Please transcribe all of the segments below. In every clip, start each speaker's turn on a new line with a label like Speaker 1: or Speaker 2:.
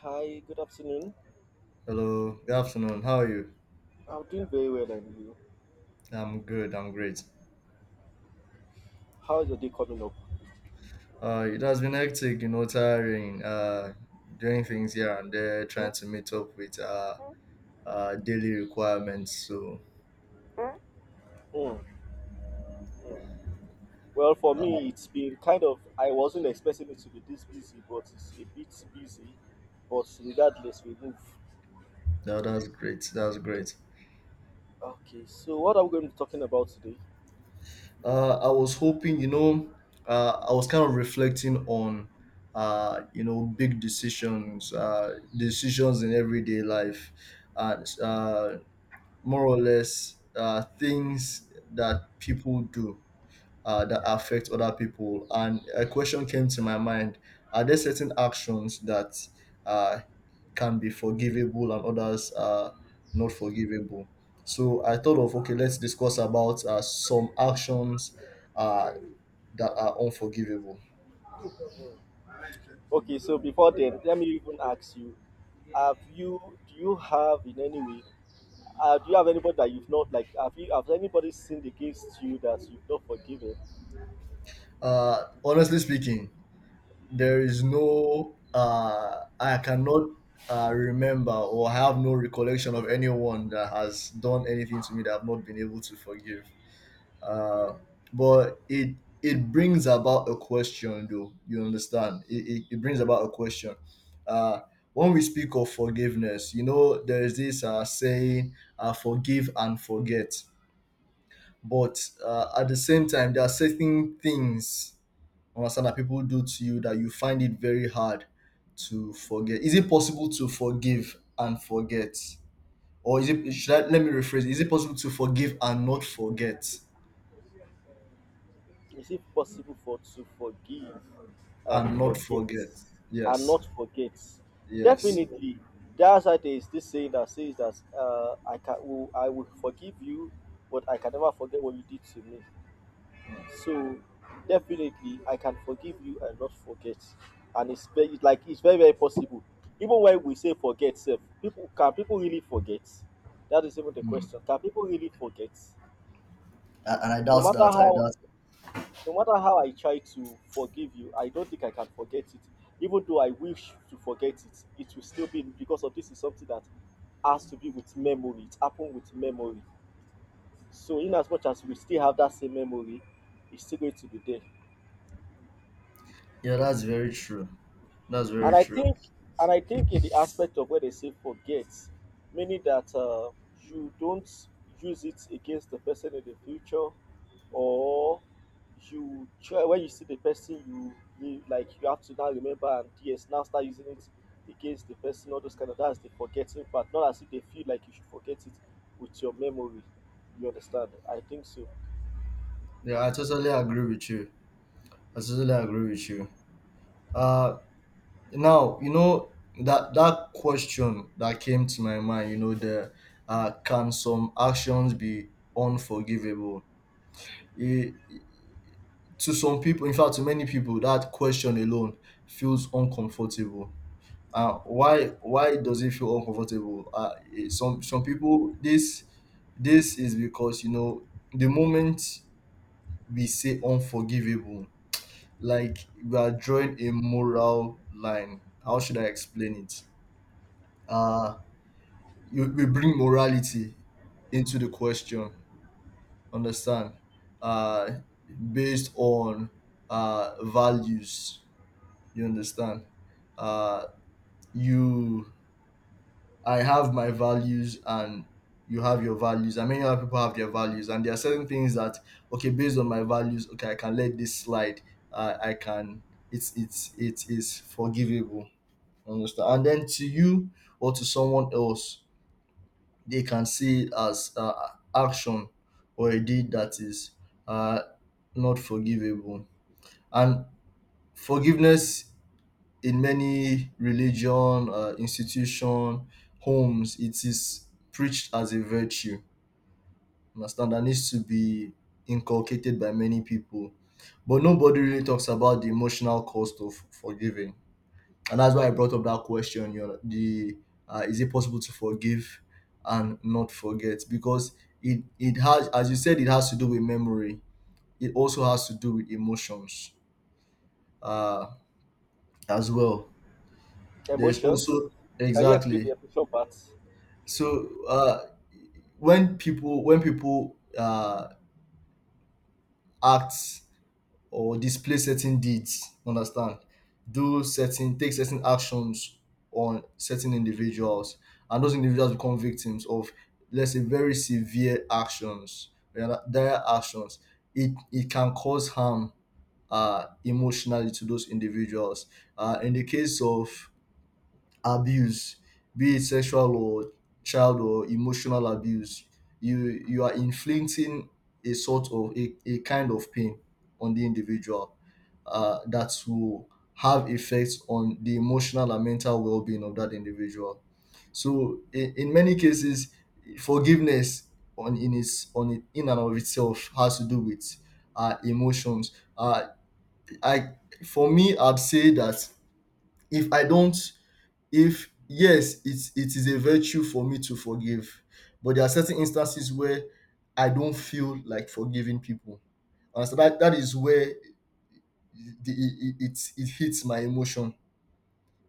Speaker 1: Hi, good afternoon.
Speaker 2: Hello, good afternoon. How are you?
Speaker 1: I'm doing very well, and you?
Speaker 2: I'm good, I'm great.
Speaker 1: How's your day coming up?
Speaker 2: It has been hectic, tiring, doing things here and there, trying to meet up with daily requirements. So
Speaker 1: Mm, mm. Well, for
Speaker 2: uh,
Speaker 1: me, it's been kind of, I wasn't expecting it to be this busy, but it's a bit busy. But regardless, we move.
Speaker 2: that's great, that's great.
Speaker 1: Okay, so what are we going to be talking about today?
Speaker 2: I was hoping, I was kind of reflecting on, big decisions, decisions in everyday life, and more or less things that people do that affect other people. And a question came to my mind: are there certain actions that uh, can be forgivable and others are not forgivable? So I thought of okay, let's discuss about some actions uh, that are unforgivable.
Speaker 1: Okay, so before then, let me even ask you have you, do you have in any way, do you have anybody that you've not, like, have you, have anybody sinned against you that you've not forgiven?
Speaker 2: Honestly speaking, there is no. I cannot remember or have no recollection of anyone that has done anything to me that I've not been able to forgive. Uh, but it brings about a question, though. You understand? It brings about a question. Uh, when we speak of forgiveness, you know, there is this saying, forgive and forget. But at the same time, there are certain things, understand, that people do to you that you find it very hard to forget. Is it possible to forgive and forget? Or is it, should I, let me rephrase, is it possible to forgive and not forget?
Speaker 1: Is it possible for to forgive and
Speaker 2: And not
Speaker 1: forget
Speaker 2: forget.
Speaker 1: and
Speaker 2: Yes,
Speaker 1: not forget?
Speaker 2: yes.
Speaker 1: Definitely. That's why there is this saying that says that I can will, I will forgive you, but I can never forget what you did to me. So definitely, I can forgive you and not forget. And it's very it's like it's very possible. Even when we say forget, self, people can people really forget? That is even the question. Can people really forget?
Speaker 2: And I
Speaker 1: No
Speaker 2: doubt
Speaker 1: matter
Speaker 2: that. I
Speaker 1: how
Speaker 2: doubt.
Speaker 1: no matter how I try to forgive you, I don't think I can forget it. Even though I wish to forget it, it will still be because of this is something that has to be with memory. It happened with memory. So in as much as we still have that same memory, it's still going to be there.
Speaker 2: Yeah, that's very true. That's very
Speaker 1: And I
Speaker 2: true.
Speaker 1: think, and I think in the aspect of where they say forget, meaning that you don't use it against the person in the future, or you try when you see the person, you like you have to now remember and yes, now start using it against the person. All those kind of that's the forgetting part. Not as if they feel like you should forget it with your memory. You understand? I think so.
Speaker 2: Yeah, I totally agree with you. I totally agree with you. Uh, Now you know that that question that came to my mind. You know, the can some actions be unforgivable? It, to some people, in fact, to many people, that question alone feels uncomfortable. Why does it feel uncomfortable? Some people, this is because, you know, the moment we say unforgivable, like, we are drawing a moral line. How should I explain it? uh you, we bring morality into the question. Understand? uh Based on values, you understand. Uh you I have my values and you have your values, and many other people have their values. And there are certain things that, okay, based on my values, okay, I can let this slide. I can, it's, it is forgivable. Understand? And then to you or to someone else, they can see it as action or a deed that is uh, not forgivable. And forgiveness in many religion, institution, homes, it is preached as a virtue, understand, that needs to be inculcated by many people. But nobody really talks about the emotional cost of forgiving, and that's why I brought up that question. You know, the is it possible to forgive and not forget? Because it has, as you said, it has to do with memory. It also has to do with emotions, uh as well. There's
Speaker 1: Emotions.
Speaker 2: also
Speaker 1: Can you explain the
Speaker 2: exactly.
Speaker 1: emotion part?
Speaker 2: So when people act or display certain deeds, understand, do certain take certain actions on certain individuals, and those individuals become victims of, let's say, very severe actions, yeah, dire actions. It can cause harm emotionally to those individuals. In the case of abuse, be it sexual or child or emotional abuse, you are inflicting a sort of a kind of pain on the individual that will have effects on the emotional and mental well-being of that individual. So in many cases, forgiveness on in its on it, in and of itself has to do with emotions. Uh, I For me, I'd say that if I don't, if yes, it's, it is a virtue for me to forgive, but there are certain instances where I don't feel like forgiving people. And so that that is where the it hits my emotion.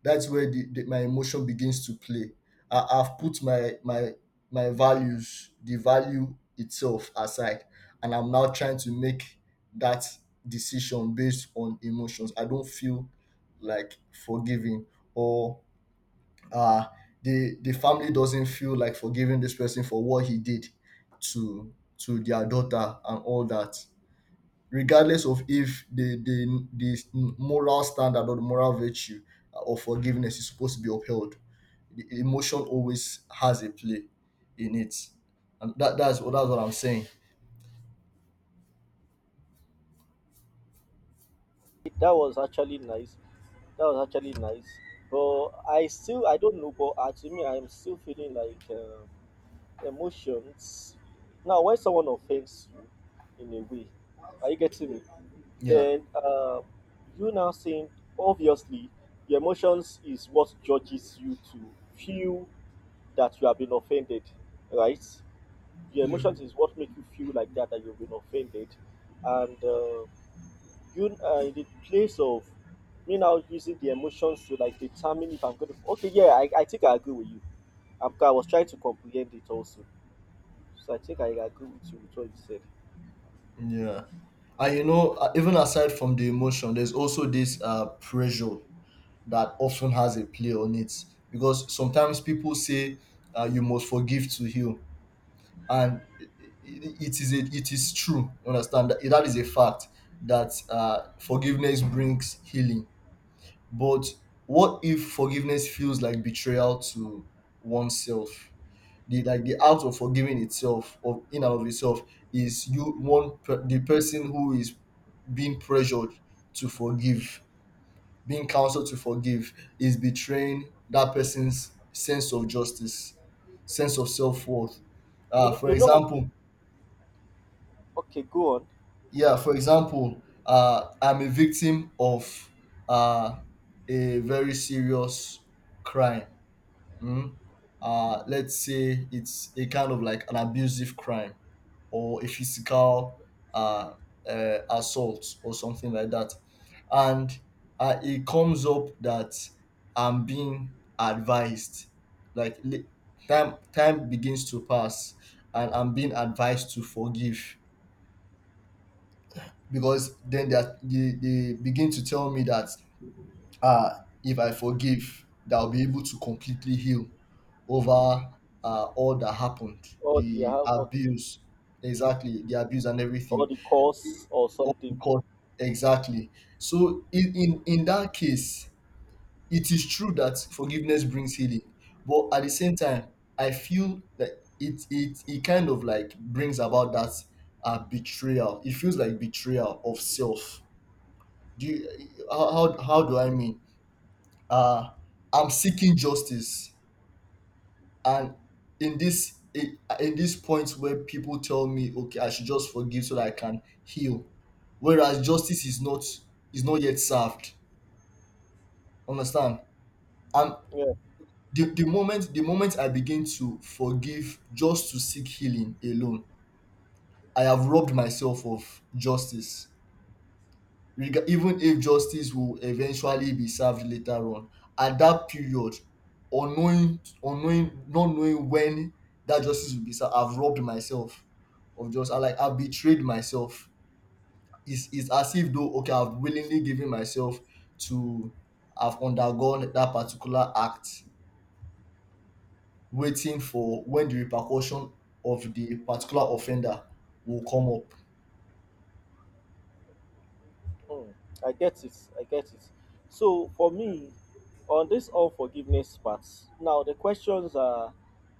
Speaker 2: That's where the my emotion begins to play. I've put my values, the value itself, aside, and I'm now trying to make that decision based on emotions. I don't feel like forgiving, or uh the family doesn't feel like forgiving this person for what he did to their daughter and all that, regardless of if the moral standard or the moral virtue of forgiveness is supposed to be upheld. The emotion always has a play in it. And that's what I'm saying.
Speaker 1: That was actually nice. That was actually nice. But I still, I don't know, but to me, I'm still feeling like emotions. Now, when someone offends you in a way, are you getting me?
Speaker 2: Yeah.
Speaker 1: Then you now saying, obviously, your emotions is what judges you to feel that you have been offended, right? Your
Speaker 2: Yeah.
Speaker 1: emotions is what make you feel like that you've been offended, and you in the place of me now using the emotions to like determine if I'm going to. Okay, yeah, I think I agree with you. I'm, I was trying to comprehend it also, so I think I agree with you with what you said.
Speaker 2: Yeah. And you know, even aside from the emotion, there's also this pressure that often has a play on it. Because sometimes people say you must forgive to heal, and it is a, it is true. Understand that that is a fact that forgiveness brings healing. But what if forgiveness feels like betrayal to oneself? The, like, the act of forgiving itself, of in and of itself, is the person who is being pressured to forgive, being counseled to forgive, is betraying that person's sense of justice, sense of self-worth. For
Speaker 1: You know,
Speaker 2: example.
Speaker 1: okay, go on.
Speaker 2: Yeah, for example, I'm a victim of uh, a very serious crime. mm, let's say it's a kind of like an abusive crime or a physical uh, assault or something like that. And it comes up that I'm being advised, like time, time begins to pass, and I'm being advised to forgive, because then they begin to tell me that uh, if I forgive, that I'll be able to completely heal over all that happened,
Speaker 1: Or the
Speaker 2: the
Speaker 1: how okay,
Speaker 2: abuse. Exactly, the abuse and
Speaker 1: or
Speaker 2: everything.
Speaker 1: the
Speaker 2: Eh,
Speaker 1: cause or
Speaker 2: all
Speaker 1: something.
Speaker 2: Because Exactly. So in that case, it is true that forgiveness brings healing, but at the same time, I feel that it kind of like brings about that betrayal. It feels like betrayal of self. Do you, how do I mean? Uh, I'm seeking justice, and in this, in this point where people tell me okay, I should just forgive so that I can heal, whereas justice is not, is not yet served, understand, and
Speaker 1: Yeah.
Speaker 2: the moment I begin to forgive just to seek healing alone, I have robbed myself of justice. Even if justice will eventually be served later on, at that period, unknowing unknowing not knowing when that justice will be served, I've robbed myself of just, I've betrayed myself. It's as if though, okay, I've willingly given myself to, I've undergone that particular act, waiting for when the repercussion of the particular offender will come up.
Speaker 1: Hmm, I get it. I get it. So for me, on this unforgiveness part, now the questions are,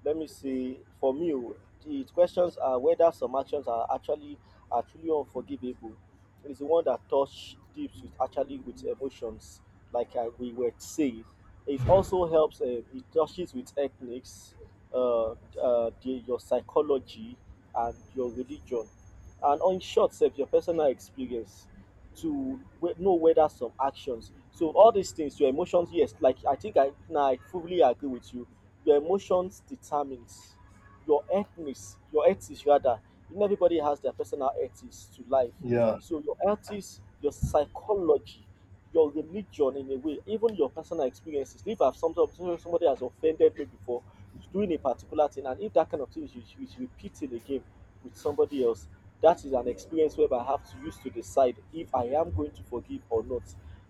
Speaker 1: let me see, for me, o, the questions are whether some actions are actually are truly unforgivable. It's the one that touch deep with actually with emotions, like I, we were saying. It also helps. It touches with ethnics, the, your psychology, and your religion, and on short, sef, your personal experience to we- know whether some actions. So all these things, your emotions, yes, like I think I now I fully agree with you. Your emotions determines your ethnics, your ethics rather. You know, everybody has their personal ethics to life. So your ethics, your psychology, your religion in a way, even your personal experiences. If I've some somebody has offended me before doing a particular thing, and if that kind of thing is repeated again with somebody else, that is an experience where I have to use to decide if I am going to forgive or not.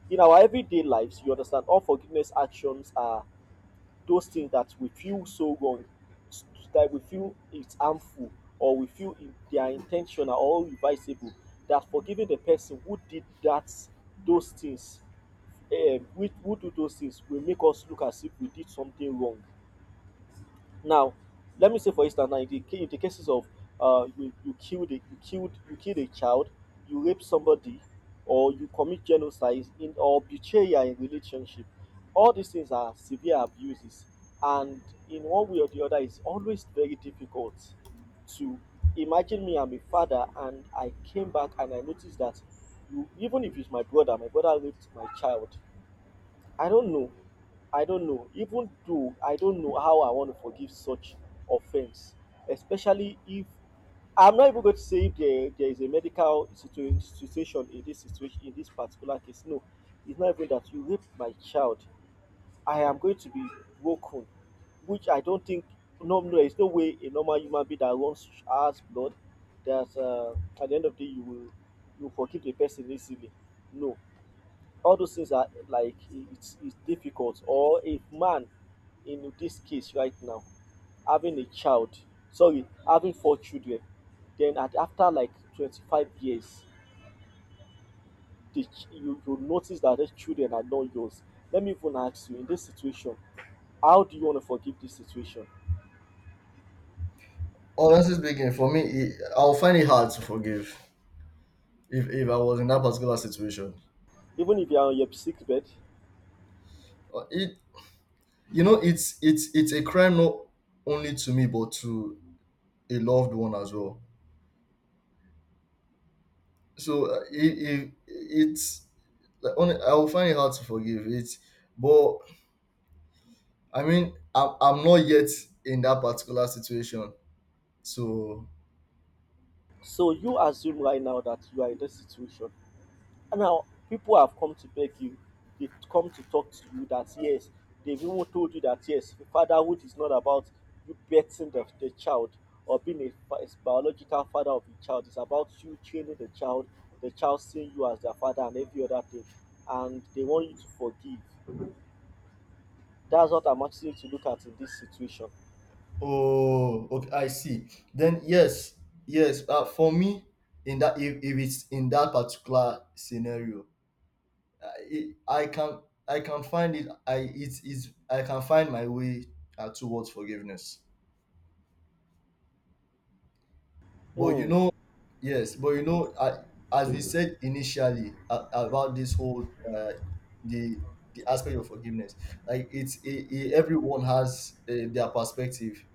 Speaker 1: In our everyday lives, you understand, unforgiveness actions are those things that we feel so wrong, that we feel it's harmful, or we feel in- they are intentional or reversible. That forgiving the person who did that, those things, who do those things, will make us look as if we did something wrong. Now, let me say for instance, now in the, ca- in the cases of you you killed a child, you rape somebody, or you commit genocide in or betrayal in relationship, all these things are severe abuses, and in one way or the other, it's always very difficult to imagine me. I'm a father, and I came back and I noticed that you, even if it's my brother raped my child I don't know. I don't know. Even though I don't know how I want to forgive such offense, especially if I'm not even going to say if there, there is a medical situa- situation in this particular case. No, it's not even that you raped my child. I am going to be broken, which I don't think. No, There's no way a normal human being that runs as blood that at the end of the day you will forgive the person easily. No, all those things are like it's difficult or a man in this case right now having a child sorry having four children then at after like 25 years the, ch- you notice that those children are not yours let me even ask you in this situation how do you want to forgive this situation
Speaker 2: Honestly speaking, for me, I'll find it hard to forgive if I was in that particular situation.
Speaker 1: even if you are on your sick bed
Speaker 2: It You know, it's a crime not only to me but to a loved one as well. So it's like, I will find it hard to forgive it, but I mean, I'm not yet in that particular situation. So
Speaker 1: so you assume right now that you are in this situation. And now people have come to beg you, they've come to talk to you that yes, they've even told you that yes, fatherhood is not about you birthing the child or being a biological father of the child. It's about you training the child seeing you as their father and every other thing. And they want you to forgive. That's what I'm asking you to look at in this situation.
Speaker 2: oh okay, I see. Then yes, yes, for me, in that, if it's in that particular scenario, I can, I can find it. I it is I can find my way towards forgiveness. But you
Speaker 1: Hmm.
Speaker 2: know, yes. But you know, as we said initially, about this whole the the aspect of forgiveness, like it, everyone has their perspective,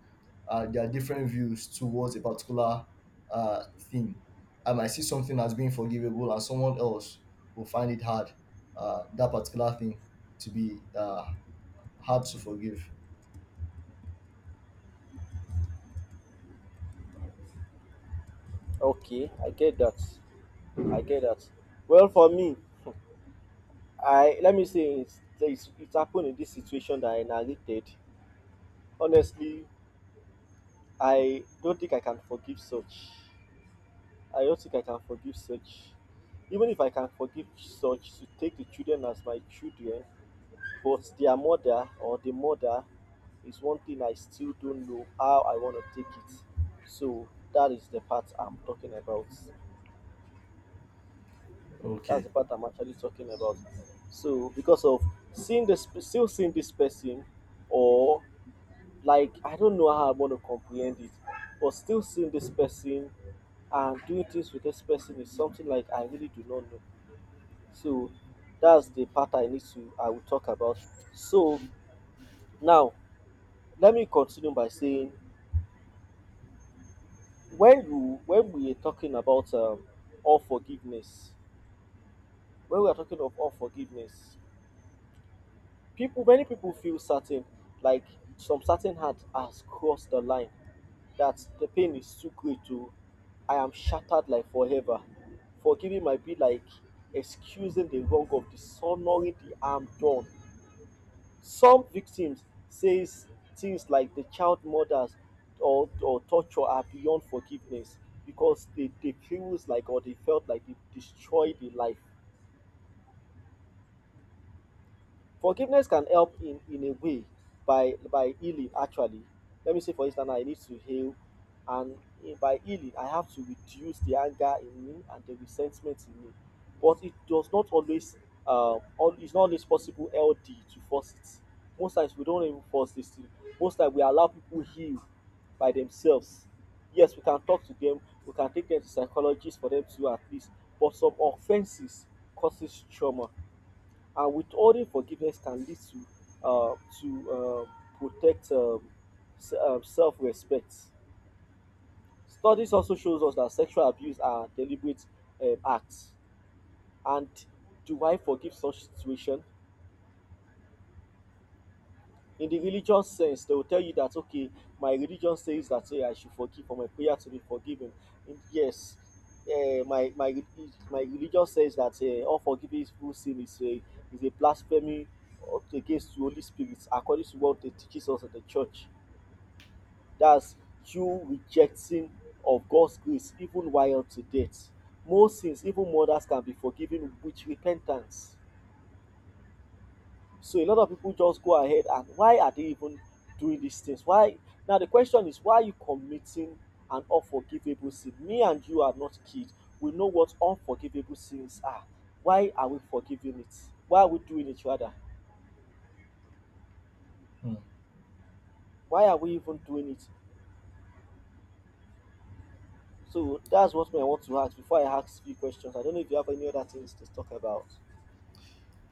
Speaker 2: their different views towards a particular thing. I might see something as being forgivable, and someone else will find it hard, that particular thing, to be hard to forgive.
Speaker 1: Okay, I get that. I get that. Well, for me, I let me say it's happened in this situation that I narrated. Honestly, I don't think I can forgive such. I don't think I can forgive such. Even if I can forgive such to take the children as my children, but their mother or the mother is one thing I still don't know how I want to take it. So that is the part I'm talking about. That's
Speaker 2: Okay.
Speaker 1: the part I'm actually talking about. So because of seeing this, still seeing this person, or like I don't know how I want to comprehend it, but still seeing this person and doing things with this person is something like I really do not know. So that's the part I need to I will talk about. So now let me continue by saying when we are talking about unforgiveness, when we are talking of unforgiveness, people many people feel certain like some certain heart has crossed the line that the pain is too great to I am shattered like forever. Forgiving might be like excusing the wrong of dishonoring the harm done. Some victims says things like the child murders or torture are beyond forgiveness because they feels like or they felt like they destroyed the life. Forgiveness can help in a way by healing actually. Let me say for instance I need to heal and in- by healing I have to reduce the anger in me and the resentment in me. But it does not always all, it's not always possible LD to force it. Most times we don't even force this thing. Most times we allow people heal by themselves. Yes, we can talk to them, we can take them to psychologists for them to at least, but some offenses causes trauma. And withholding forgiveness can lead to protect se- self-respect. Studies also shows us that sexual abuse are deliberate acts. And do I forgive such situation? In the religious sense, they will tell you that okay, my religion says that hey, I should forgive for my prayer to be forgiven. And yes, my my re- my religion says that unforgiving full sin is a blasphemy up against the Holy Spirit, according to what they teaches us at the church. That's you rejecting of God's grace even while to date. Most sins, even murders, can be forgiven with repentance. So a lot of people just go ahead and why are they even doing these things? Why? Now the question is why are you committing an unforgivable sin? Me and you are not kids. We know what unforgivable sins are. Why are we forgiving it? Why are we doing it rather?
Speaker 2: Hmm.
Speaker 1: Why are we even doing it? So that's what I want to ask before I ask few questions. I don't know if you have any other things to talk about.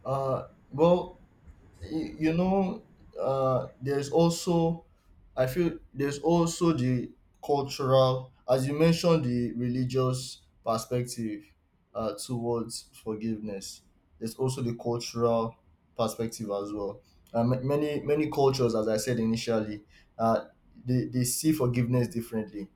Speaker 2: Well, you know, there's also, I feel there's also the cultural, as you mentioned, the religious perspective towards forgiveness. There's also the cultural perspective as well. Many many cultures, as I said initially, uh, they see forgiveness differently,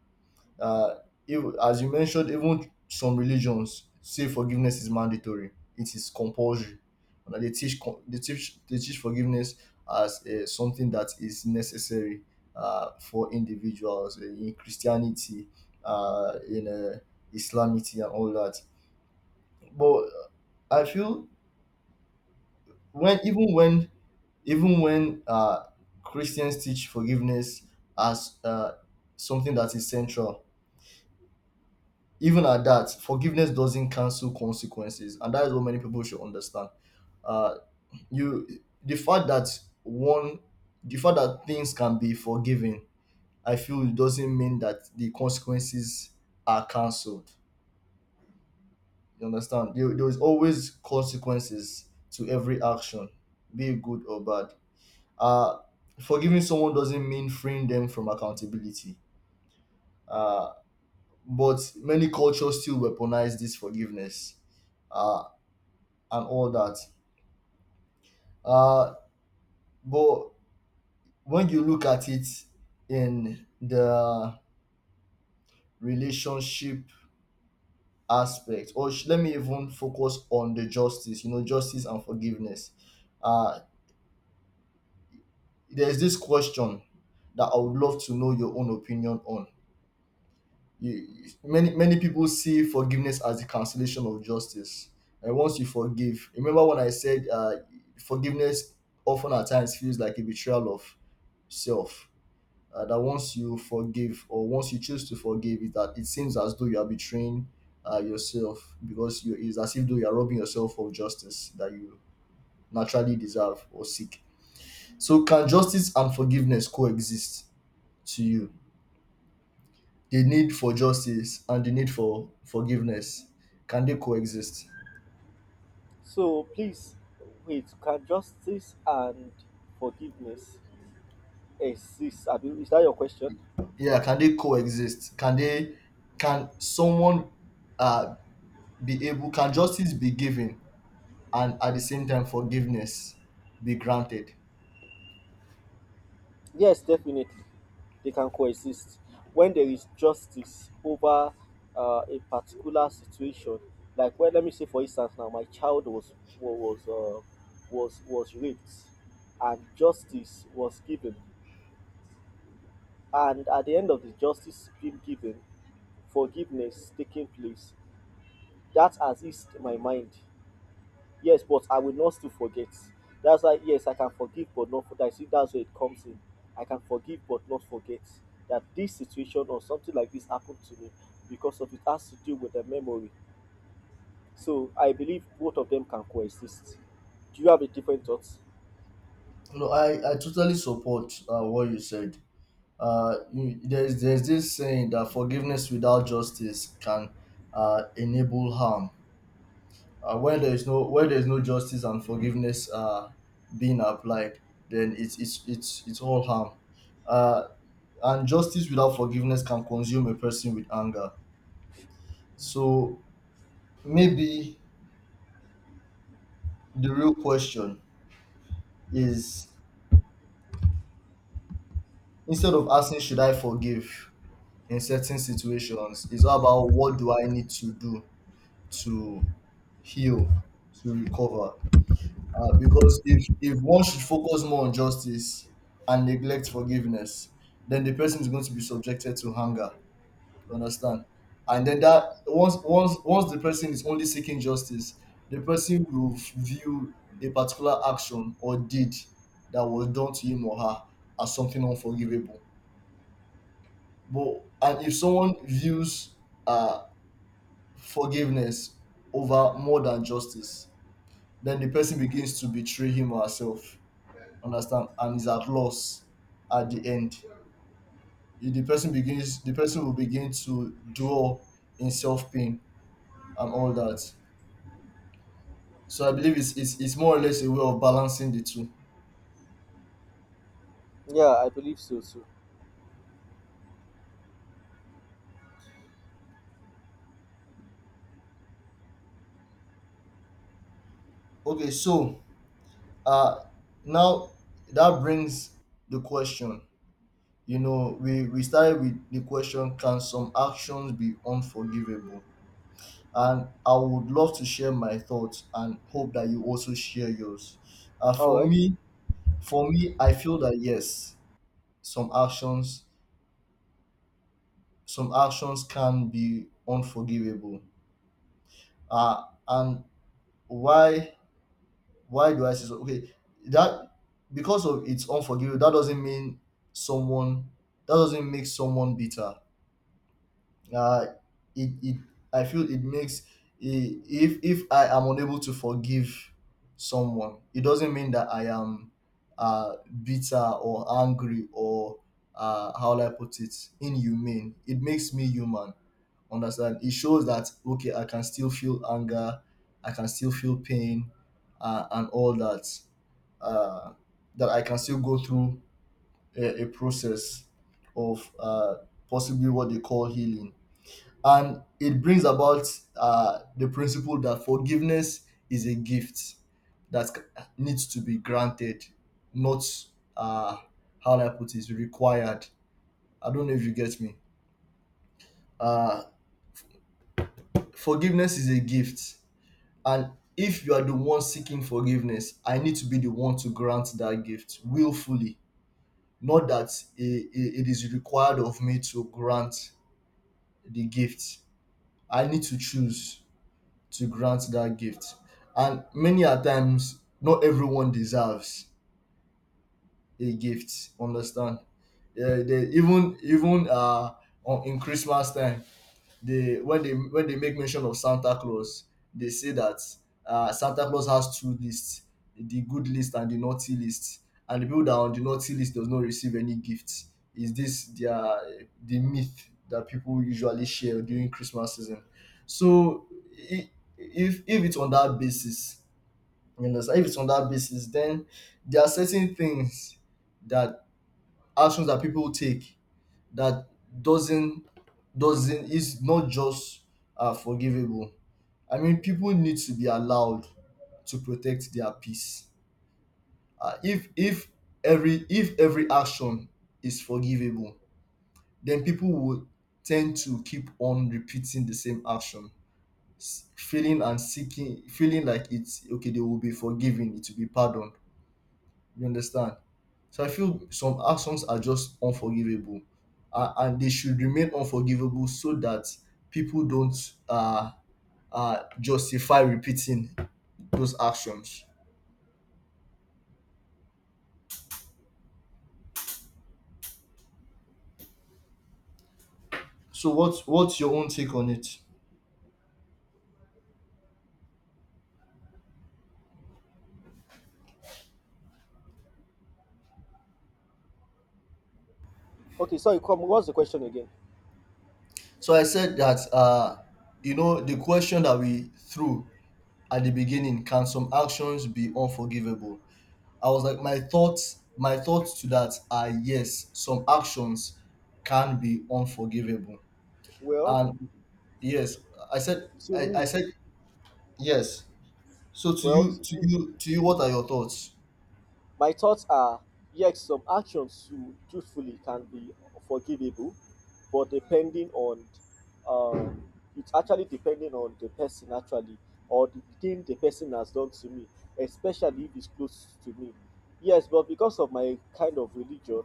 Speaker 2: uh, as you mentioned. Even some religions say forgiveness is mandatory. It is compulsory. And they teach co- they teach forgiveness as something that is necessary for individuals, in Christianity, in Islamity, and all that. But I feel, when even when, even when uh, Christians teach forgiveness as something that is central, even at that, forgiveness doesn't cancel consequences, and that is what many people should understand. Uh, you, the fact that one, the fact that things can be forgiven, I feel it doesn't mean that the consequences are cancelled. You understand? There is always consequences to every action, be it good or bad. Uh, Forgiving someone doesn't mean freeing them from accountability. Uh, but many cultures still weaponize this forgiveness. Uh, and all that. Uh, but when you look at it in the relationship aspect, or let me even focus on the justice, you know, justice and forgiveness. Uh, there's this question that I would love to know your own opinion on. You, Many many people see forgiveness as the cancellation of justice. And once you forgive, remember when I said forgiveness often at times feels like a betrayal of self, that once you forgive or once you choose to forgive is that it seems as though you are betraying yourself, because you, it's as if though you are robbing yourself of justice that you naturally deserve or seek. So can justice and forgiveness coexist? To you, the need for justice and the need for forgiveness, can they coexist?
Speaker 1: So please wait, can justice and forgiveness exist? Is that your question?
Speaker 2: Yeah, can they coexist? Can they? Can someone, uh be able, can justice be given and at the same time forgiveness be granted?
Speaker 1: Yes, definitely, they can coexist. When there is justice over a particular situation, like when let me say for instance now, my child was wa- was uh, was raped, and justice was given, and at the end of the justice being given, forgiveness taking place. That has eased my mind. Yes, but I will not still forget. That's why, yes, I can forgive but not forget. See, that's where it comes in. I can forgive but not forget that this situation or something like this happened to me because of it has to do with the memory. So I believe both of them can coexist. Do you have a different thought?
Speaker 2: No, I totally support what you said. You, there's this saying that forgiveness without justice can enable harm. Where there is no justice and forgiveness being applied, then it's all harm. Uh, and justice without forgiveness can consume a person with anger. So maybe the real question is, instead of asking should I forgive, in certain situations it's all about what do I need to do to heal, to recover. Uh, because if one should focus more on justice and neglect forgiveness, then the person is going to be subjected to hunger, you understand? And then that, once once the person is only seeking justice, the person will view a particular action or deed that was done to him or her as something unforgivable. But and if someone views uh forgiveness over more than justice, then the person begins to betray him or herself. Understand? And is at loss at the end. If the person will begin to dwell in self pain and all that. So I believe it's more or less a way of balancing the two.
Speaker 1: Yeah, I believe so too.
Speaker 2: Okay, so uh now that brings the question. You know, we started with the question, can some actions be unforgivable? And I would love to share my thoughts and hope that you also share yours. Uh,
Speaker 1: All
Speaker 2: for
Speaker 1: right.
Speaker 2: me, for me, I feel that yes, some actions, some actions can be unforgivable. And why, why do I say so? Okay, that because of it's unforgivable, that doesn't mean someone, that doesn't make someone bitter. Uh, it I feel it makes, if I am unable to forgive someone, it doesn't mean that I am uh, bitter or angry or, how will I put it, inhumane. It makes me human. Understand? It shows that okay, I can still feel anger, I can still feel pain, and all that. Uh, that I can still go through a process of possibly what they call healing. And it brings about the principle that forgiveness is a gift that needs to be granted, not, uh, how do I put it, required. I don't know if you get me. Uh, forgiveness is a gift, and if you are the one seeking forgiveness, I need to be the one to grant that gift willfully. Not that it is required of me to grant the gift. I need to choose to grant that gift. And many a times, not everyone deserves a gift. Understand? Yeah, they, even on, in Christmas time, they, when they when they make mention of Santa Claus, they say that Santa Claus has two lists: the good list and the naughty list. And the people that are on the naughty list does not receive any gifts. Is this their the myth that people usually share during Christmas season? So, i- if it's on that basis, you understand? If it's on that basis, then there are certain things that, actions that people take, that doesn't doesn't is not just forgivable. I mean, people need to be allowed to protect their peace. If every, if every action is forgivable, then people would tend to keep on repeating the same action, feeling and seeking, feeling like it's okay. They will be forgiven. It will be pardoned. You understand? So I feel some actions are just unforgivable, and they should remain unforgivable so that people don't justify repeating those actions. So what's your own take on it?
Speaker 1: Okay, sorry, come. What's the question again?
Speaker 2: So I said that you know the question that we threw at the beginning: can some actions be unforgivable? I was like, my thoughts to that are yes, some actions can be unforgivable,
Speaker 1: Well,
Speaker 2: and yes, I said.
Speaker 1: to
Speaker 2: I
Speaker 1: me,
Speaker 2: said yes. So to
Speaker 1: well,
Speaker 2: you,
Speaker 1: to me.
Speaker 2: what are your thoughts?
Speaker 1: My thoughts are yes, some actions to truthfully can be forgivable, but depending on um, it's actually depending on the person actually or the thing the person has done to me, especially if it's close to me. Yes, but because of my kind of religion,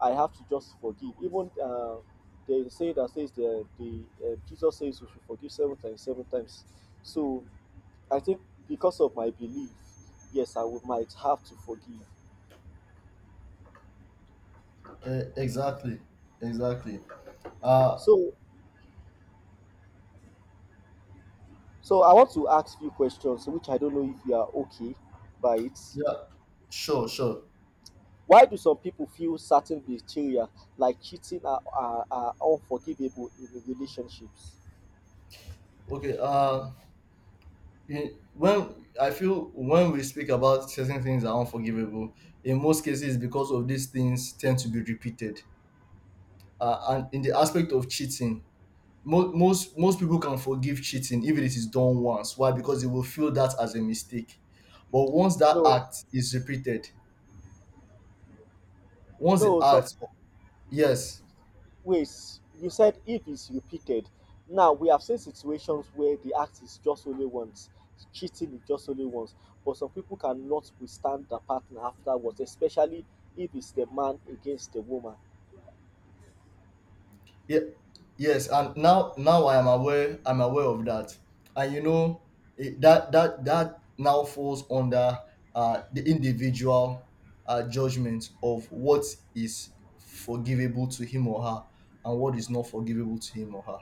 Speaker 1: I have to just forgive. Even they say that says the Jesus says we should forgive seven times, seven times. So I think because of my belief, yes, I would, might have to forgive.
Speaker 2: Exactly, exactly. Uh,
Speaker 1: So, so I want to ask few questions, which I don't know if you are okay by it.
Speaker 2: yeah, sure.
Speaker 1: Why do some people feel certain betrayal, like cheating, are unforgivable in relationships?
Speaker 2: Okay. In, when I feel when we speak about certain things that are unforgivable, in most cases, because of these things tend to be repeated. And in the aspect of cheating, most people can forgive cheating if it is done once. Why? Because they will feel that as a mistake. But once that
Speaker 1: No,
Speaker 2: act is repeated, once they
Speaker 1: no. Some
Speaker 2: asked, yes.
Speaker 1: ways you said if it's repeated. Now we have seen situations where the act is just only once, cheating is just only once. But some people cannot withstand the partner afterwards, especially if it's the man against the woman.
Speaker 2: Yeah, yes, and now I am aware, I'm aware of that. And you know it, that now falls under the individual judgment of what is forgivable to him or her, and what is not forgivable to him or her.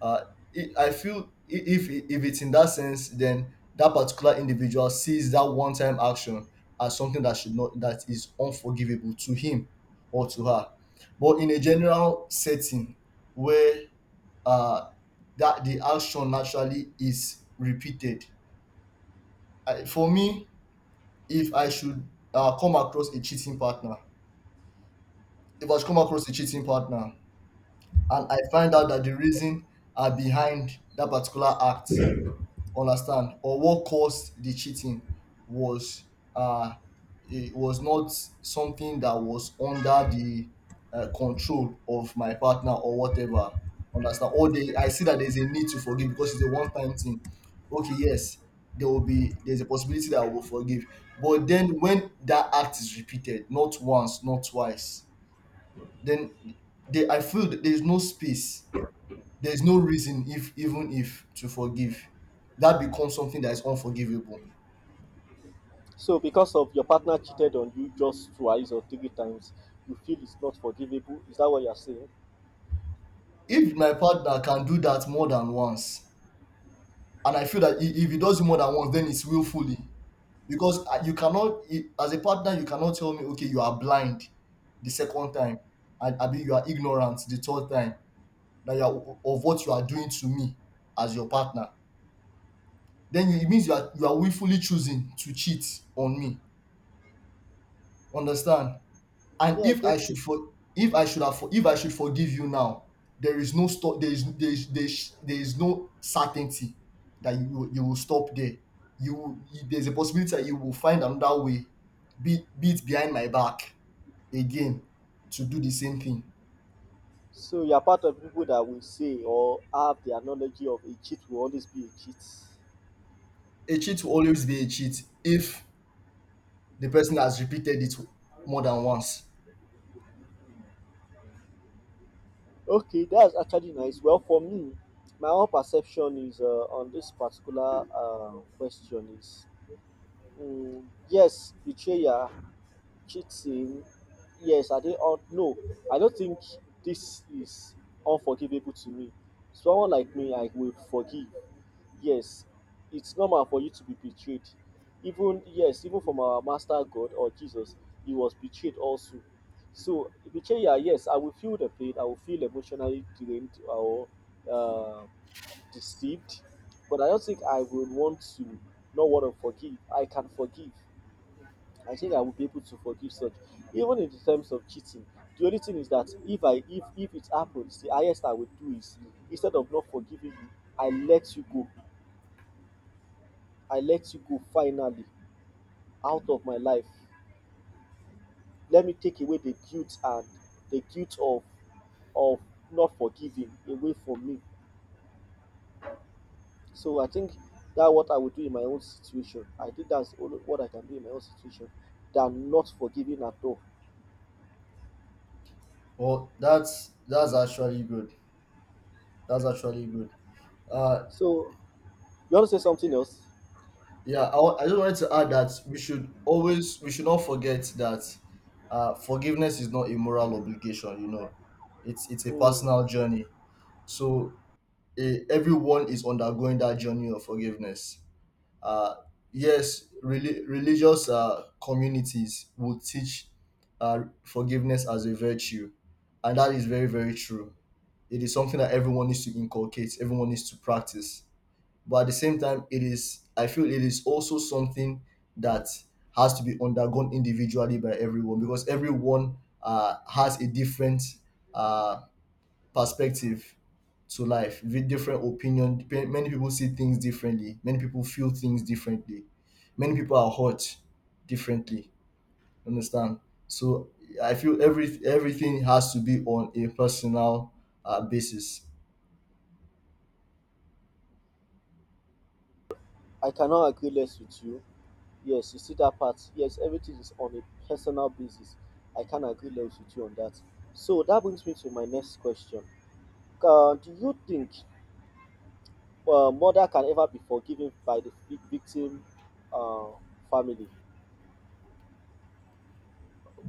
Speaker 2: Uh, it, I feel, if it's in that sense, then that particular individual sees that one-time action as something that should not, that is unforgivable to him or to her. But in a general setting where uh, that the action naturally is repeated, I, for me, if I should come across a cheating partner, if I should come across a cheating partner, and I find out that the reason are behind that particular act, understand, or what caused the cheating was uh, it was not something that was under the control of my partner or whatever. Understand? Or they, I see that there's a need to forgive because it's a one-time thing. Okay, yes, there will be there's a possibility that I will forgive, but then when that act is repeated, not once, not twice, then they, I feel that there's no reason, if even if to forgive, that becomes something that is unforgivable.
Speaker 1: So because of your partner cheated on you just twice or three times, you feel it's not forgivable. Is that what you're saying?
Speaker 2: If my partner can do that more than once, and I feel that, if he does it more than once, then it's willfully. Because you cannot, as a partner you cannot tell me okay you are blind the second time, and I mean you are ignorant the third time, that you are, of what you are doing to me as your partner. Then you, it means you are, willfully choosing to cheat on me. Understand? And
Speaker 1: Yeah, I
Speaker 2: if I
Speaker 1: get
Speaker 2: should
Speaker 1: you.
Speaker 2: for if I should have for if I should forgive you now, there is no stop. There is no certainty that you will stop there. You, you, there's a possibility that you will find another way, be it behind my back again, to do the same thing.
Speaker 1: So you're part of people that will say or have the analogy of a cheat will always be a cheat.
Speaker 2: A cheat will always be a cheat if the person has repeated it more than once.
Speaker 1: Okay, that's actually nice. Well, for me, my own perception is on this particular question is mm, yes, betrayal cheating, yes, I did all no, I don't think this is unforgivable to me. Someone like me, I will forgive. Yes, it's normal for you to be betrayed. Even yes, even from our master God or Jesus, he was betrayed also. So betrayal, yes, I will feel the pain. I will feel emotionally drained or uh, deceived, but I don't think I would want to not want to forgive. I can forgive I think I will be able to forgive such. Even in the terms of cheating, the only thing is that if I if it happens, the highest I would do is instead of not forgiving you, I let you go. I let you go finally out of my life. Let me take away the guilt and the guilt of of not forgiving away from me. So I think that what I would do in my own situation. I think that's all what I can do in my own situation than not forgiving at all.
Speaker 2: Well, that's actually good. That's actually good. Uh,
Speaker 1: So you want to say something else?
Speaker 2: Yeah, I, I just wanted to add that we should not forget that forgiveness is not a moral obligation. You know, it's a
Speaker 1: Hmm.
Speaker 2: personal journey. So, eh, everyone is undergoing that journey of forgiveness. Uh, yes, religious communities will teach forgiveness as a virtue, and that is very very true. It is something that everyone needs to inculcate. Everyone needs to practice, but at the same time, it is, I feel it is also something that has to be undergone individually by everyone, because everyone has a different uh, perspective to life, with different opinion. Many people see things differently, many people feel things differently, many people are hurt differently. Understand? So I feel everything has to be on a personal basis.
Speaker 1: I cannot agree less with you. Yes, you see that part. Yes, everything is on a personal basis. I can agree less with you on that. So that brings me to my next question. Do you think murder can ever be forgiven by the victim uh, family?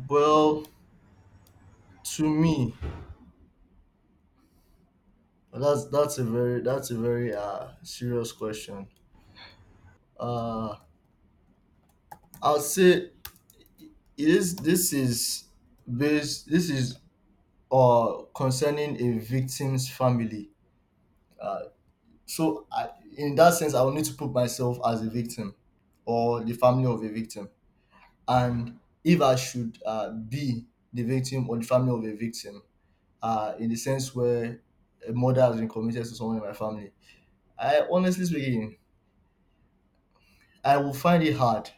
Speaker 2: Well, to me, well, that's a very, that's a very serious question. Uh, I'll say, is this is based this is concerning a victim's family. Uh, so I, in that sense, I will need to put myself as a victim or the family of a victim, and if I should be the victim or the family of a victim, in the sense where a murder has been committed to someone in my family, I, honestly speaking, I will find it hard,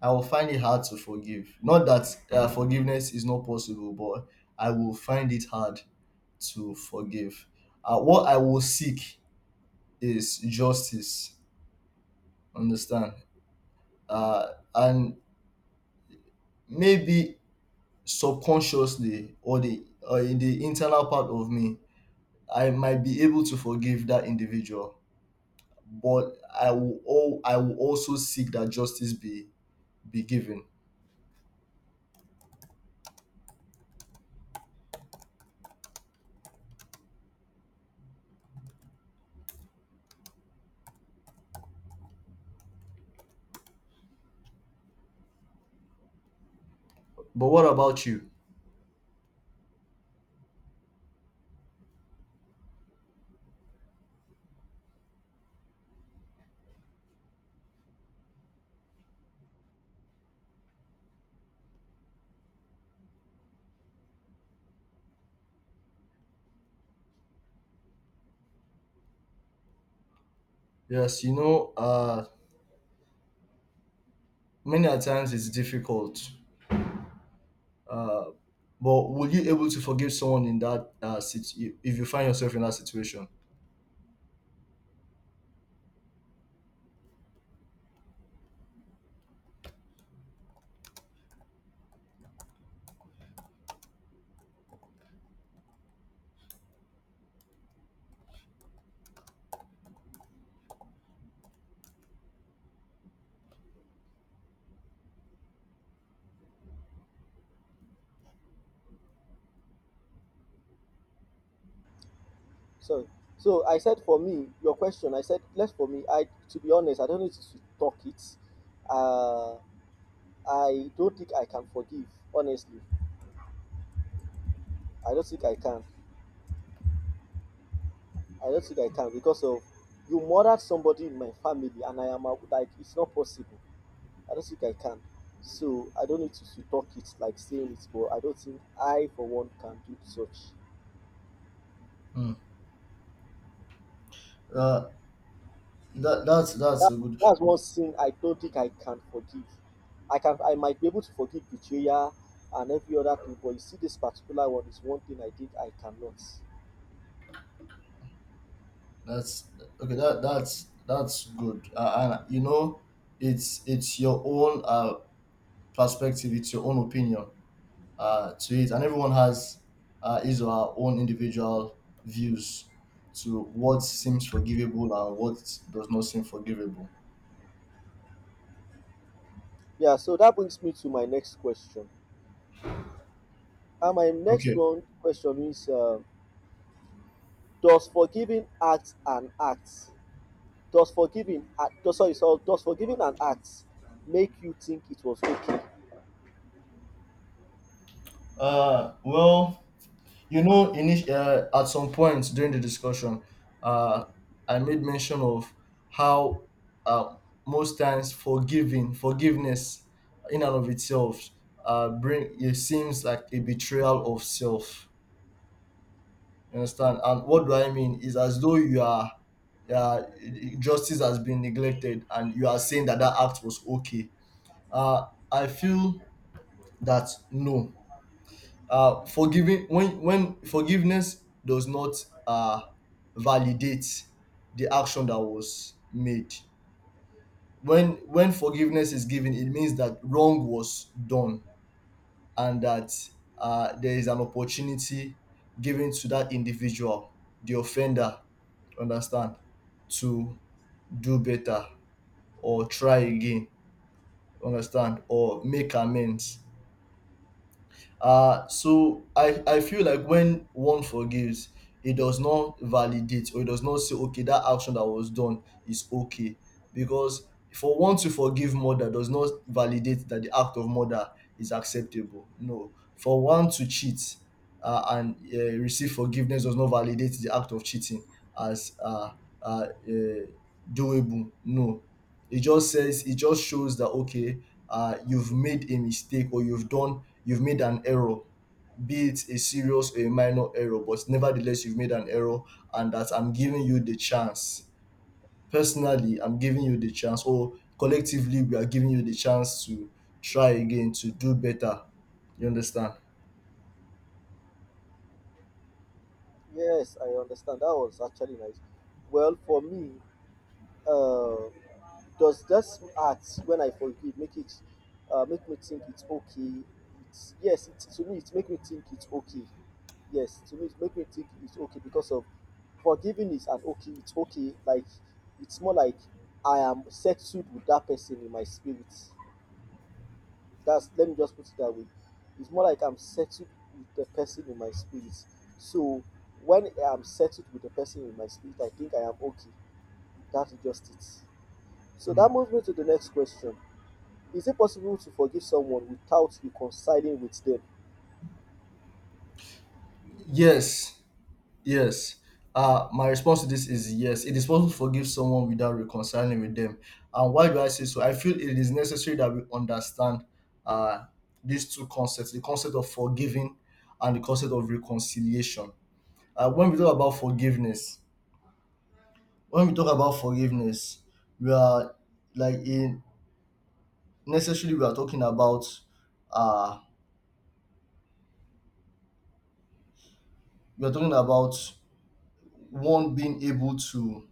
Speaker 2: I will find it hard to forgive. Not that forgiveness is not possible, but I will find it hard to forgive. What I will seek is justice. Understand? Uh, and maybe subconsciously, or the or in the internal part of me, I might be able to forgive that individual, but I will also seek that justice be given. But what about you? Yes, you know, many a times it's difficult, uh, but will you able to forgive someone in that situ- if you find yourself in that situation?
Speaker 1: So, so I said for me, your question. I said less for me. I, to be honest, I don't need to talk it. Uh, I don't think I can forgive. Honestly, I don't think I can. I don't think I can because of you murdered somebody in my family, and I am like it's not possible. I don't think I can. So I don't need to talk it like saying it, but I don't think I for one can do such.
Speaker 2: Hmm. Uh, that's
Speaker 1: That,
Speaker 2: a good
Speaker 1: that's one thing I don't think I can forgive. I can I might be able to forgive betrayal and every other thing, but you see this particular one is one thing I think I cannot.
Speaker 2: that's okay that's good, and you know it's your own perspective, it's your own opinion to it, and everyone has his or her own individual views to what seems forgivable and what does not seem forgivable.
Speaker 1: Yeah, so that brings me to my next question. And my next
Speaker 2: Okay.
Speaker 1: one question is does forgiving act an act? Does forgiving, sorry, so does forgiving an act make you think it was okay?
Speaker 2: Well, you know, at some point during the discussion, uh, I made mention of how, uh, most times forgiving, forgiveness in and of itself, bring it seems like a betrayal of self. You understand? And what do I mean? Is as though you are, uh, justice has been neglected, and you are saying that that act was okay. Uh, I feel that no. Forgiving, when forgiveness does not, uh, validate the action that was made. When forgiveness is given, it means that wrong was done, and that, there is an opportunity given to that individual, the offender, understand, to do better or try again, understand, or make amends. So I feel like when one forgives, it does not validate, or it does not say, okay, that action that was done is okay. Because for one to forgive murder does not validate that the act of murder is acceptable. No. For one to cheat, and receive forgiveness does not validate the act of cheating as, uh, uh, doable. No. It just says, it just shows that, okay, you've made a mistake, or you've done, you've made an error, be it a serious or a minor error, but nevertheless you've made an error, and that I'm giving you the chance, personally I'm giving you the chance, or collectively we are giving you the chance to try again, to do better, you understand?
Speaker 1: Yes, I understand. That was actually nice. Well, for me, uh, does this act when I forgive make it make me think it's okay? It's yes, it, to me it make me think it's okay. Yes, to me it make me think it's okay because of forgiving is an okay. It's okay. Like it's more like I am settled with that person in my spirit. That's let me just put it that way. It's more like I'm settled with the person in my spirit. So when I'm settled with the person in my spirit, I think I am okay. That's just it. So that moves me to the next question. Is it possible to forgive someone without reconciling with them?
Speaker 2: Yes. Yes. My response to this is yes. It is possible to forgive someone without reconciling with them. And why do I say so? I feel it is necessary that we understand, uh, these two concepts, the concept of forgiving and the concept of reconciliation. When we talk about forgiveness, when we talk about forgiveness, we are, like in, necessarily we are talking about, uh we are talking about one being able to,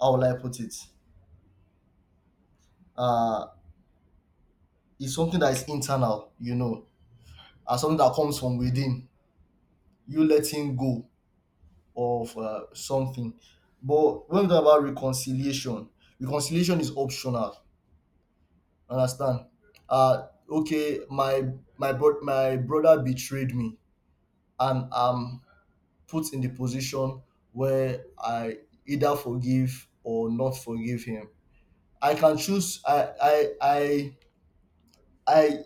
Speaker 2: how will I put it? Uh it's something that is internal, you know, as something that comes from within, you letting go of something. But when we talk about reconciliation, reconciliation is optional. Understand? Okay, my my brother betrayed me, and I'm put in the position where I either forgive or not forgive him. I can choose. I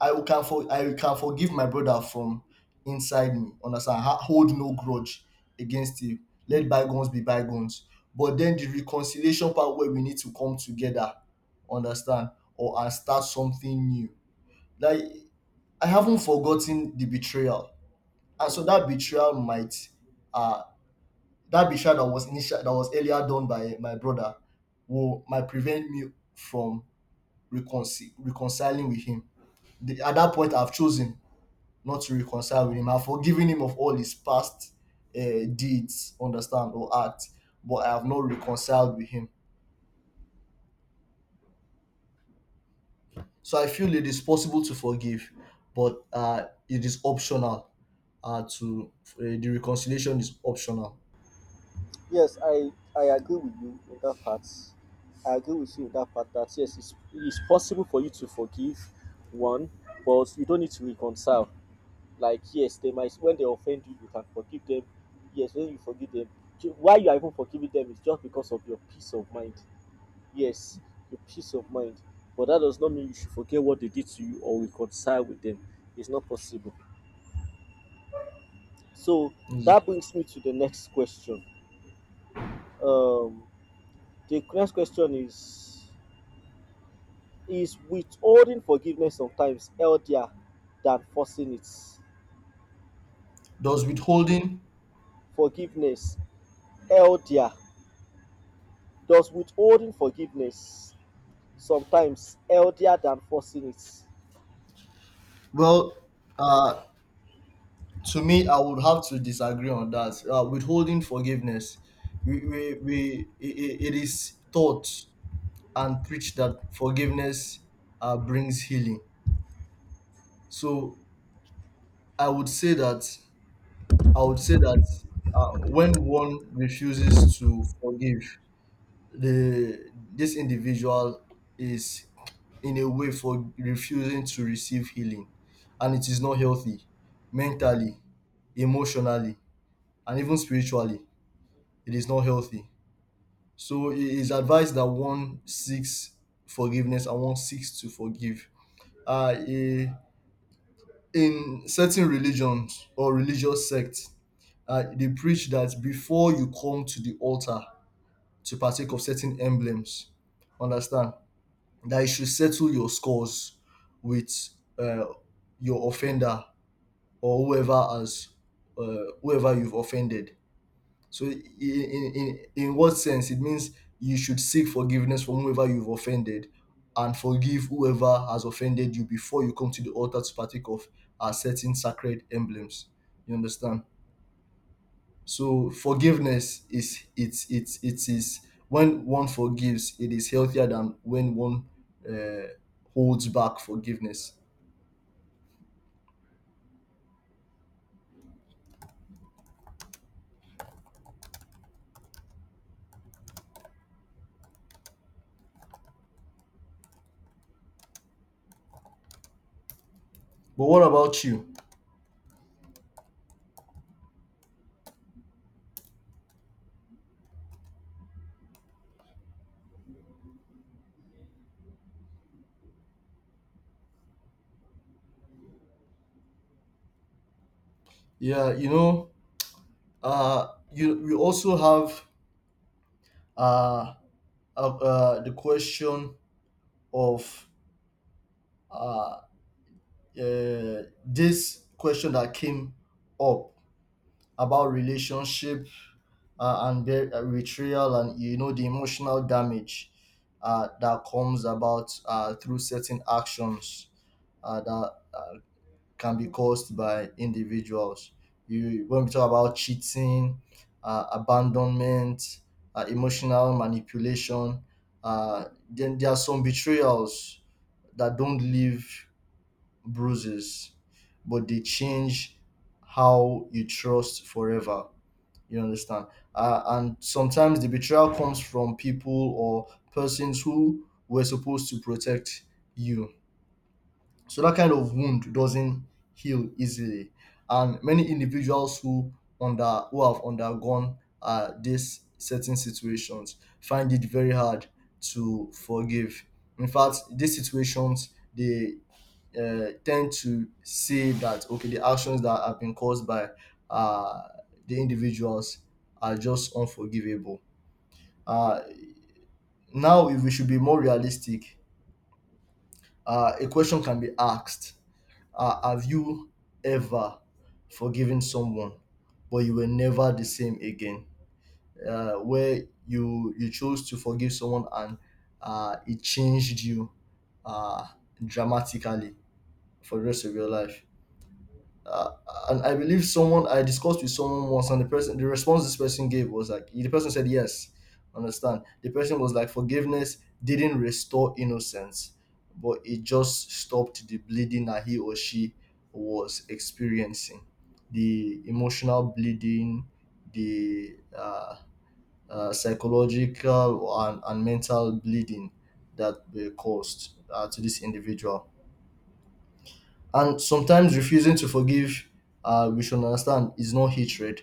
Speaker 2: I can for I can forgive my brother from inside me. Understand? Hold no grudge against him. Let bygones be bygones. But then the reconciliation part, where we need to come together, understand, or and start something new. Like, I haven't forgotten the betrayal, and so that betrayal might, uh, that betrayal that was initial, that was earlier done by my brother, will might prevent me from reconciling with him. The, at that point, I've chosen not to reconcile with him. I've forgiven him of all his past uh, deeds, understand, or acts, but I have not reconciled with him. So I feel it is possible to forgive, but it is optional. To the reconciliation is optional.
Speaker 1: Yes, I agree with you in that part. I agree with you in that part that yes, it's possible for you to forgive one, but you don't need to reconcile. Like, yes, they might when they offend you, you can forgive them. Yes, when you forgive them, why you are even forgiving them is just because of your peace of mind. Yes, your peace of mind. But that does not mean you should forget what they did to you or reconcile with them. It's not possible. So
Speaker 2: Is-
Speaker 1: that brings me to the next question. The next question is withholding forgiveness sometimes healthier than forcing it?
Speaker 2: Does withholding?
Speaker 1: Forgiveness healthier. Does withholding forgiveness sometimes healthier than forcing it?
Speaker 2: Well, uh, to me, I would have to disagree on that. Withholding forgiveness, we, we, we it is taught and preached that forgiveness, brings healing. So I would say that, I would say that when one refuses to forgive, the this individual is in a way for refusing to receive healing, and it is not healthy mentally, emotionally, and even spiritually. It is not healthy. So it is advised that one seeks forgiveness and one seeks to forgive. Uh, eh, in certain religions or religious sects, they preach that before you come to the altar to partake of certain emblems, understand, that you should settle your scores with, uh, your offender, or whoever has, whoever you've offended. So in what sense? It means you should seek forgiveness from whoever you've offended, and forgive whoever has offended you before you come to the altar to partake of certain sacred emblems. You understand? So forgiveness is, it's it is, when one forgives, it is healthier than when one, uh, holds back forgiveness. But what about you? Yeah, you know, you we also have uh, the question of, uh, this question that came up about relationship, and their betrayal, and you know the emotional damage that comes about through certain actions that can be caused by individuals. You when we talk about cheating, abandonment, emotional manipulation, then there are some betrayals that don't leave bruises, but they change how you trust forever. You understand? And sometimes the betrayal comes from people or persons who were supposed to protect you. So that kind of wound doesn't heal easily. And many individuals who under who have undergone these certain situations find it very hard to forgive. In fact, these situations, they tend to say that okay, the actions that have been caused by, uh, the individuals, are just unforgivable. uh, Now if we should be more realistic, a question can be asked, have you ever forgiven someone but you were never the same again? Where you chose to forgive someone and it changed you, uh, dramatically, for the rest of your life. uh, and I believe someone, I discussed with someone once, and the person, the response this person gave was like, the person said yes, understand. The person was like, forgiveness didn't restore innocence, but it just stopped the bleeding that he or she was experiencing, the emotional bleeding, the psychological and, mental bleeding that were caused to this individual. And sometimes refusing to forgive, we should understand, is not hatred,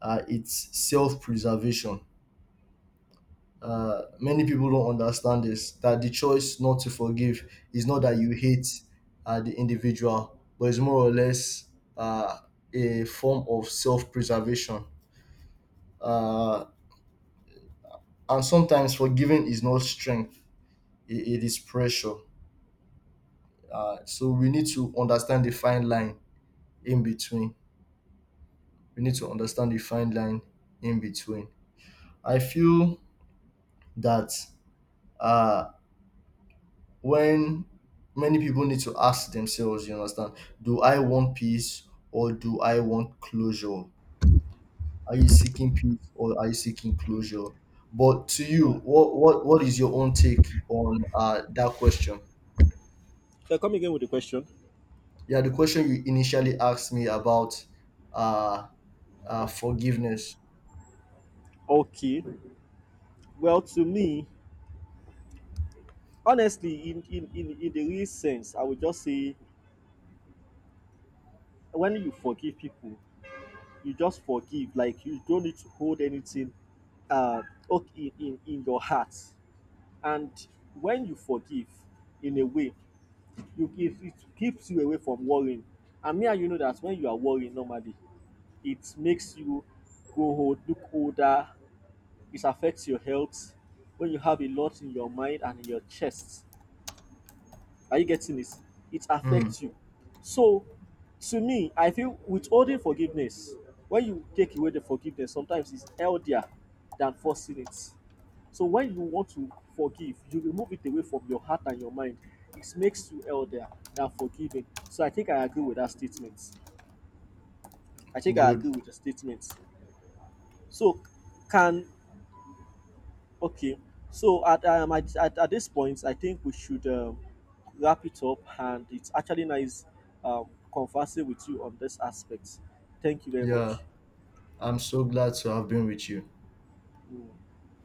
Speaker 2: it's self preservation. Many people don't understand this, that the choice not to forgive is not that you hate the individual, but it's more or less uh, a form of self preservation. Uh, and sometimes forgiving is not strength, it is pressure. So we need to understand the fine line in between. We need to understand the fine line in between. I feel that uh, when many people need to ask themselves, you understand, do I want peace or do I want closure? Are you seeking peace or are you seeking closure? But to
Speaker 1: Hmm.
Speaker 2: you, what is your own take on that question?
Speaker 1: So come again with the question.
Speaker 2: Yeah, the question you initially asked me about uh, forgiveness.
Speaker 1: Okay. Well, to me, honestly, in the real sense, I would just say when you forgive people, you just forgive. Like you don't need to hold anything uh okay, in your heart. And when you forgive in a way, you give it keeps you away from worrying. And me and you know that when you are worrying normally, it makes you go old, look older. It affects your health when you have a lot in your mind and in your chest. Are you getting this? It
Speaker 2: Hmm,
Speaker 1: affects you. So, to me, I feel withholding forgiveness, when you take away the forgiveness, sometimes it's healthier than forcing it. So, when you want to forgive, you remove it away from your heart and your mind. It makes you elder than forgiving. So, I think I agree with that statement. I think I
Speaker 2: good.
Speaker 1: agree with the statement. So, can okay, so at, at this point, I think we should wrap it up, and it's actually nice um, conversing with you on this aspect. Thank you very
Speaker 2: Yeah,
Speaker 1: much.
Speaker 2: I'm so glad to have been with you.
Speaker 1: Mm.